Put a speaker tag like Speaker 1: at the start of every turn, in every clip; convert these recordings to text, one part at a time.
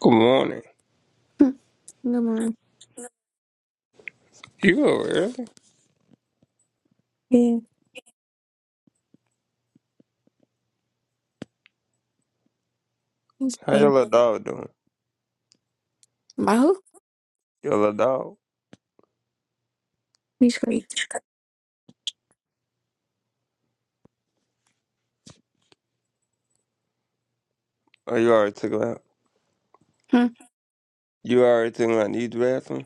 Speaker 1: Good morning.
Speaker 2: Hmm, Never mind.
Speaker 1: You up early?
Speaker 2: Yeah, he's
Speaker 1: How your
Speaker 2: brother.
Speaker 1: little dog doing?
Speaker 2: My who?
Speaker 1: Your little dog?
Speaker 2: He's great.
Speaker 1: Oh, you already took him out.
Speaker 2: Hmm.
Speaker 1: You already took him out and used the bathroom?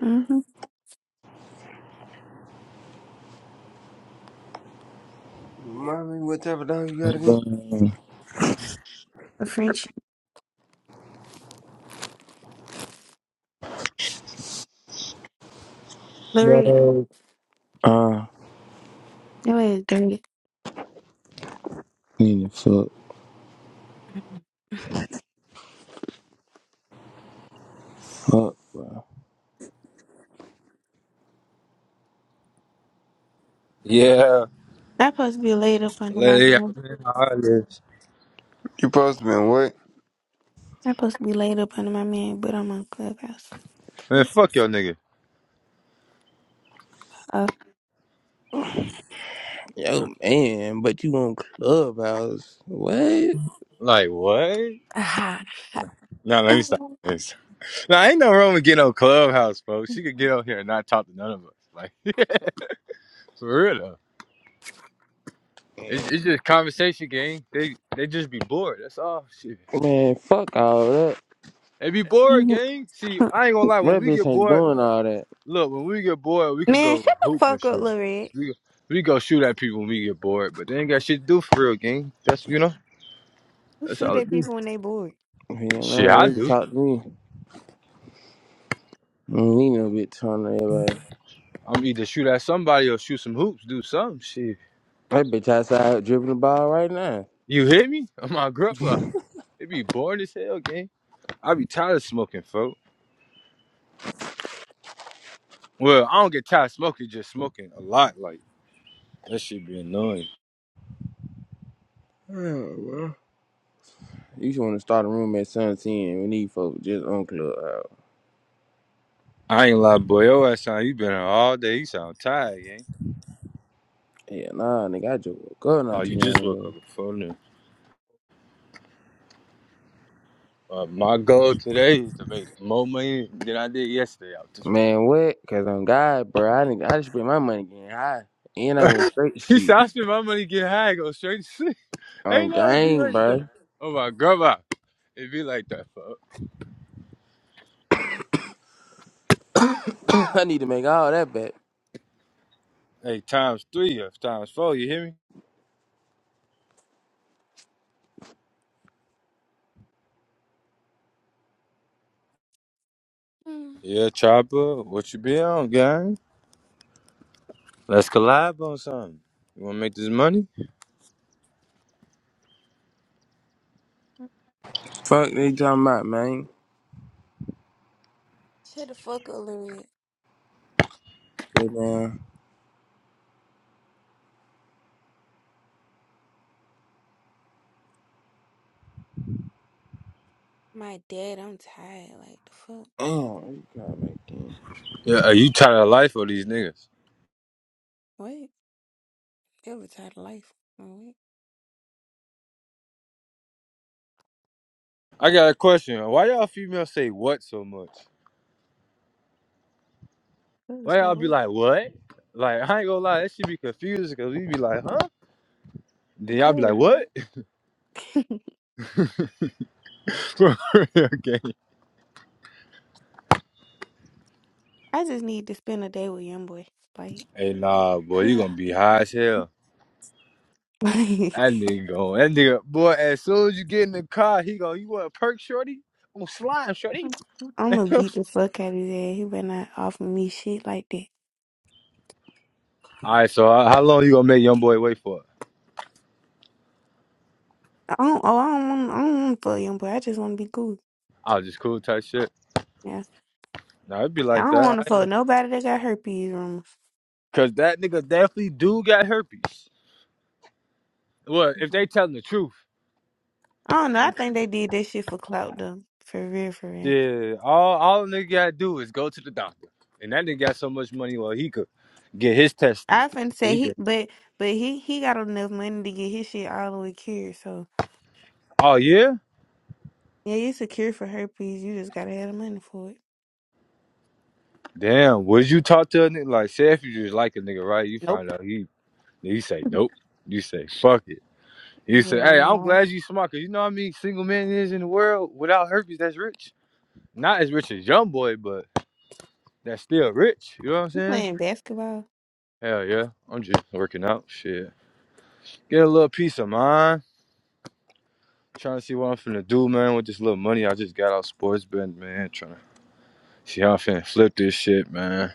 Speaker 2: Mm-hmm.
Speaker 1: Remind me what type of dog you got again?
Speaker 3: Uh,
Speaker 2: A French. Loretta.
Speaker 4: Yo,
Speaker 3: I
Speaker 2: That way is dirty.
Speaker 3: need to fuck
Speaker 2: I'm
Speaker 3: up.
Speaker 5: Yeah,
Speaker 2: supposed to be laid up under
Speaker 5: let
Speaker 2: my
Speaker 5: it out
Speaker 2: man.
Speaker 5: man, all
Speaker 1: You supposed to been what?
Speaker 2: I'm supposed to be laid up under my man, but I'm on clubhouse.
Speaker 5: Man, fuck your nigga.
Speaker 2: Uh,
Speaker 3: Yo, man, but you on Clubhouse. What?
Speaker 5: Like what?
Speaker 2: aha.
Speaker 5: Nah, let me stop
Speaker 2: man,
Speaker 5: this. Nah, ain't no wrong with getting on Clubhouse, folks. She could get on here and not talk to none of us. Like for real though. It's, it's just conversation, gang. They they just be bored. That's all. Shit,
Speaker 3: Man, fuck all that.
Speaker 5: they be bored, gang. See, I ain't gonna lie. When
Speaker 3: That
Speaker 5: we
Speaker 3: bitch
Speaker 5: get
Speaker 3: ain't
Speaker 5: bored,
Speaker 3: doing all that.
Speaker 5: look, when we get bored, we could go
Speaker 2: shut the
Speaker 5: hoop and
Speaker 2: fuck up,
Speaker 5: shit.
Speaker 2: Loretta.
Speaker 5: We we go shoot at people when we get bored, but they ain't got shit to do for real, gang. That's you know.
Speaker 2: Who
Speaker 5: That's
Speaker 2: shoot
Speaker 5: all it
Speaker 2: at
Speaker 5: is.
Speaker 2: people when they bored?
Speaker 3: Man,
Speaker 5: Shit,
Speaker 3: nah,
Speaker 5: I
Speaker 3: they can
Speaker 5: do.
Speaker 3: talk to me. I don't need no bitch on everybody.
Speaker 5: I'm either shoot at somebody or shoot some hoops, do some shit.
Speaker 3: That bitch outside dribbling the ball right now.
Speaker 5: You hear me? I'm on grandpa. It be boring as hell, gang. I be tired of smoking, folk. Well, I don't get tired of smoking, just smoking a lot. Like that shit be annoying.
Speaker 3: Oh, well. You should want to start a room at Sun 10 when these folks just on Clubhouse.
Speaker 5: I ain't lie, boy. Your ass sound you been here all day. You sound tired, gang.
Speaker 3: Yeah, nah, nigga, I just woke up
Speaker 5: Oh,
Speaker 3: not too
Speaker 5: you just
Speaker 3: long
Speaker 5: woke
Speaker 3: ago.
Speaker 5: up before noon. Uh, my goal today is to make more money than I did yesterday out this.
Speaker 3: Man, what? Cause I'm God, bro. I, done- I just spent my money getting high. And I went straight to
Speaker 5: he
Speaker 3: sleep.
Speaker 5: said I spend my money getting high, go straight to sleep.
Speaker 3: Oh
Speaker 5: Ain't nothing be
Speaker 3: gang,
Speaker 5: like that.
Speaker 3: bro.
Speaker 5: Oh my grandma. It be like that, fuck.
Speaker 3: I need to make all that back.
Speaker 5: Hey, times three or times four, you hear me?
Speaker 2: Hmm.
Speaker 5: Yeah, chopper, what you be on, gang? Let's collab on something. You wanna make this money?
Speaker 3: Fuck they talking about, man.
Speaker 2: Shut the fuck up, Loretta.
Speaker 3: Yeah, man.
Speaker 2: My dad, I'm tired. Like, the fuck?
Speaker 3: Damn, what you call that thing?
Speaker 5: Yeah, are you tired of life or these niggas?
Speaker 2: Wait. They were tired of life. Oh, Wait.
Speaker 5: I got a question. Why y'all females say what so much?
Speaker 2: Cuz,
Speaker 5: Why y'all
Speaker 2: like,
Speaker 5: be
Speaker 2: wait.
Speaker 5: like, what? Like, I ain't gonna lie, that should be confusing because we be like, huh? Then
Speaker 2: Cuz,
Speaker 5: y'all
Speaker 2: like,
Speaker 5: be like, what? okay.
Speaker 2: I just need to spend a day with young boy. Like,
Speaker 5: Hey, nah, boy, you gonna be high as hell.
Speaker 2: like
Speaker 5: That nigga going, that nigga, boy, as soon as you get in the car, he go, you want a perk, shorty? I'm slime, shorty.
Speaker 2: I'm gonna beat the fuck out of his ass. He better not offer me shit like that.
Speaker 5: All right, so uh, how long you gonna make young boy wait for?
Speaker 2: I don't. Oh, I don't want. I don't want to fuck young boy. I just want to be cool.
Speaker 5: I was just cool type shit.
Speaker 2: Yeah.
Speaker 5: No, it'd be
Speaker 2: I
Speaker 5: like
Speaker 2: don't
Speaker 5: that,
Speaker 2: want to fuck nobody that got herpes rumors.
Speaker 5: I- cause that nigga definitely do got herpes. Well, if they
Speaker 2: Mhm.
Speaker 5: telling the truth,
Speaker 2: I don't know. I think they did that shit for clout though. For real, for real.
Speaker 5: yeah, all all a nigga gotta do is go to the doctor, and that nigga got so much money, well, he could get his testers.
Speaker 2: I finna say
Speaker 5: He
Speaker 2: he,
Speaker 5: could.
Speaker 2: but but he he got enough money to get his shit all the way cured. So
Speaker 5: Oh yeah,
Speaker 2: yeah, it's a cure for herpes. You just gotta have the money for it.
Speaker 5: damn. Would you talk to a nigga like, say if you just like a nigga, right? You find
Speaker 2: Nope.
Speaker 5: out he he say nope. You say fuck it. You say,
Speaker 2: Yeah,
Speaker 5: hey, I'm
Speaker 2: no.
Speaker 5: glad you smart, cause you know how many single men is in the world without herpes that's rich. Not as rich as YoungBoy, but that's still rich. You know what I'm
Speaker 2: You
Speaker 5: saying?
Speaker 2: playing basketball?
Speaker 5: Hell yeah. I'm just working out. Shit. Get a little peace of mind. Trying to see what I'm finna do, man, with this little money I just got out sports betting, man. Trying to see how I'm finna flip this shit, man.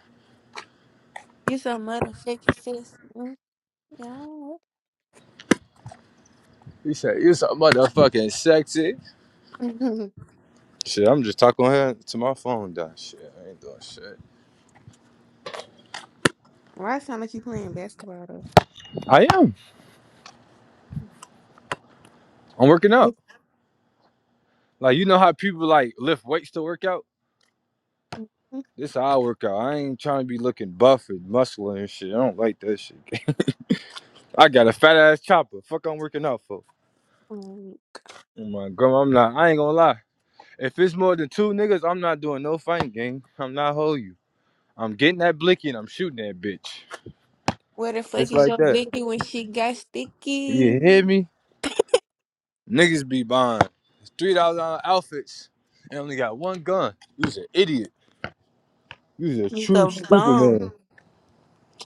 Speaker 2: You so motherfucking sis. Mm, Yeah.
Speaker 5: He said, you so motherfucking sexy. Shit, I'm just talking here to my phone, done. Shit, I ain't doing shit.
Speaker 2: Why it sound like you playing basketball though?
Speaker 5: I am. I'm working out. Like, you know how people, like, lift weights to work out? This is how I work out. I ain't trying to be looking buff and muscular and shit. I don't like that shit. I got a fat ass chopper. Fuck, I'm working out for.
Speaker 2: Mm.
Speaker 5: Oh my grandma, I'm not. I ain't gonna lie. If it's more than two niggas, I'm not doing no fighting game. I'm not hold you. I'm getting that blicky and I'm shooting that bitch.
Speaker 2: Where the fuck
Speaker 5: Just
Speaker 2: is
Speaker 5: like
Speaker 2: your
Speaker 5: that.
Speaker 2: blicky when she got sticky?
Speaker 5: You hear me? Niggas be buying three thousand dollar outfits and only got one gun. You's an idiot. You's a
Speaker 2: You
Speaker 5: true
Speaker 2: a
Speaker 5: stupid
Speaker 2: bum.
Speaker 5: man.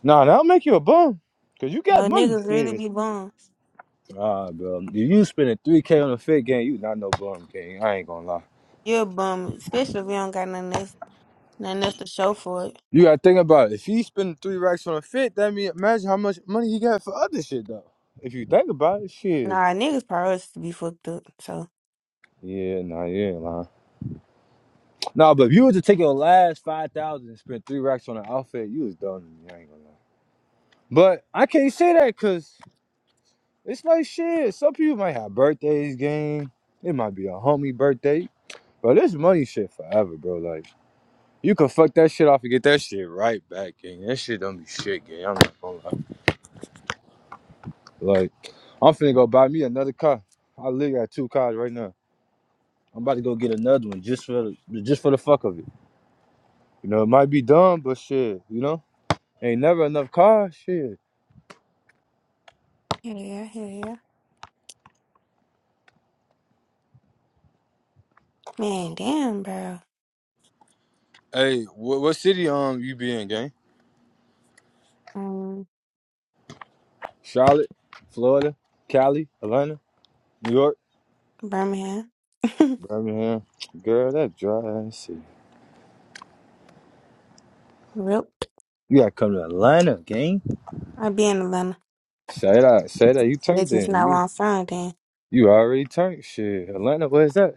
Speaker 5: Nah, that'll make you a bum. Cause you got
Speaker 2: No
Speaker 5: money.
Speaker 2: niggas really
Speaker 5: Shit.
Speaker 2: be bums.
Speaker 5: Nah, bro. If you spending three K on a fit game, you not no bum king. I ain't gonna lie.
Speaker 2: You're a bum, especially if you don't got nothing else, nothing else to show for it.
Speaker 5: You gotta think about it. If he spent three racks on a fit, that mean imagine how much money he got for other shit though. If you think about it, shit.
Speaker 2: Nah, niggas priorities to be fucked up. So
Speaker 5: Yeah, nah, you ain't lying. Nah, but if you were to take your last five thousand and spend three racks on an outfit, you was done. I ain't gonna lie. But I can't say that because it's like shit. Some people might have birthdays, game. It might be a homie birthday, but this money shit forever, bro. Like you can fuck that shit off and get that shit right back, gang. That shit don't be shit, gang. I'm not gonna lie. Like, I'm finna go buy me another car. I live at two cars right now. I'm about to go get another one just for the, just for the fuck of it. You know, it might be dumb, but shit, you know, ain't never enough cars. Shit.
Speaker 2: yeah, yeah, yeah, yeah. Man, damn, bro.
Speaker 5: Hey, what, what city um you be in, gang?
Speaker 2: Um,
Speaker 5: Charlotte, Florida, Cali, Atlanta, New York,
Speaker 2: Birmingham.
Speaker 5: Birmingham. Girl, that dry ass shit.
Speaker 2: Rip.
Speaker 5: You gotta come to Atlanta, gang.
Speaker 2: I be in Atlanta.
Speaker 5: Say that, say that. You
Speaker 2: That's
Speaker 5: turned
Speaker 2: just
Speaker 5: in.
Speaker 2: not where
Speaker 5: You
Speaker 2: i
Speaker 5: you already turned. Shit, Atlanta, where's that?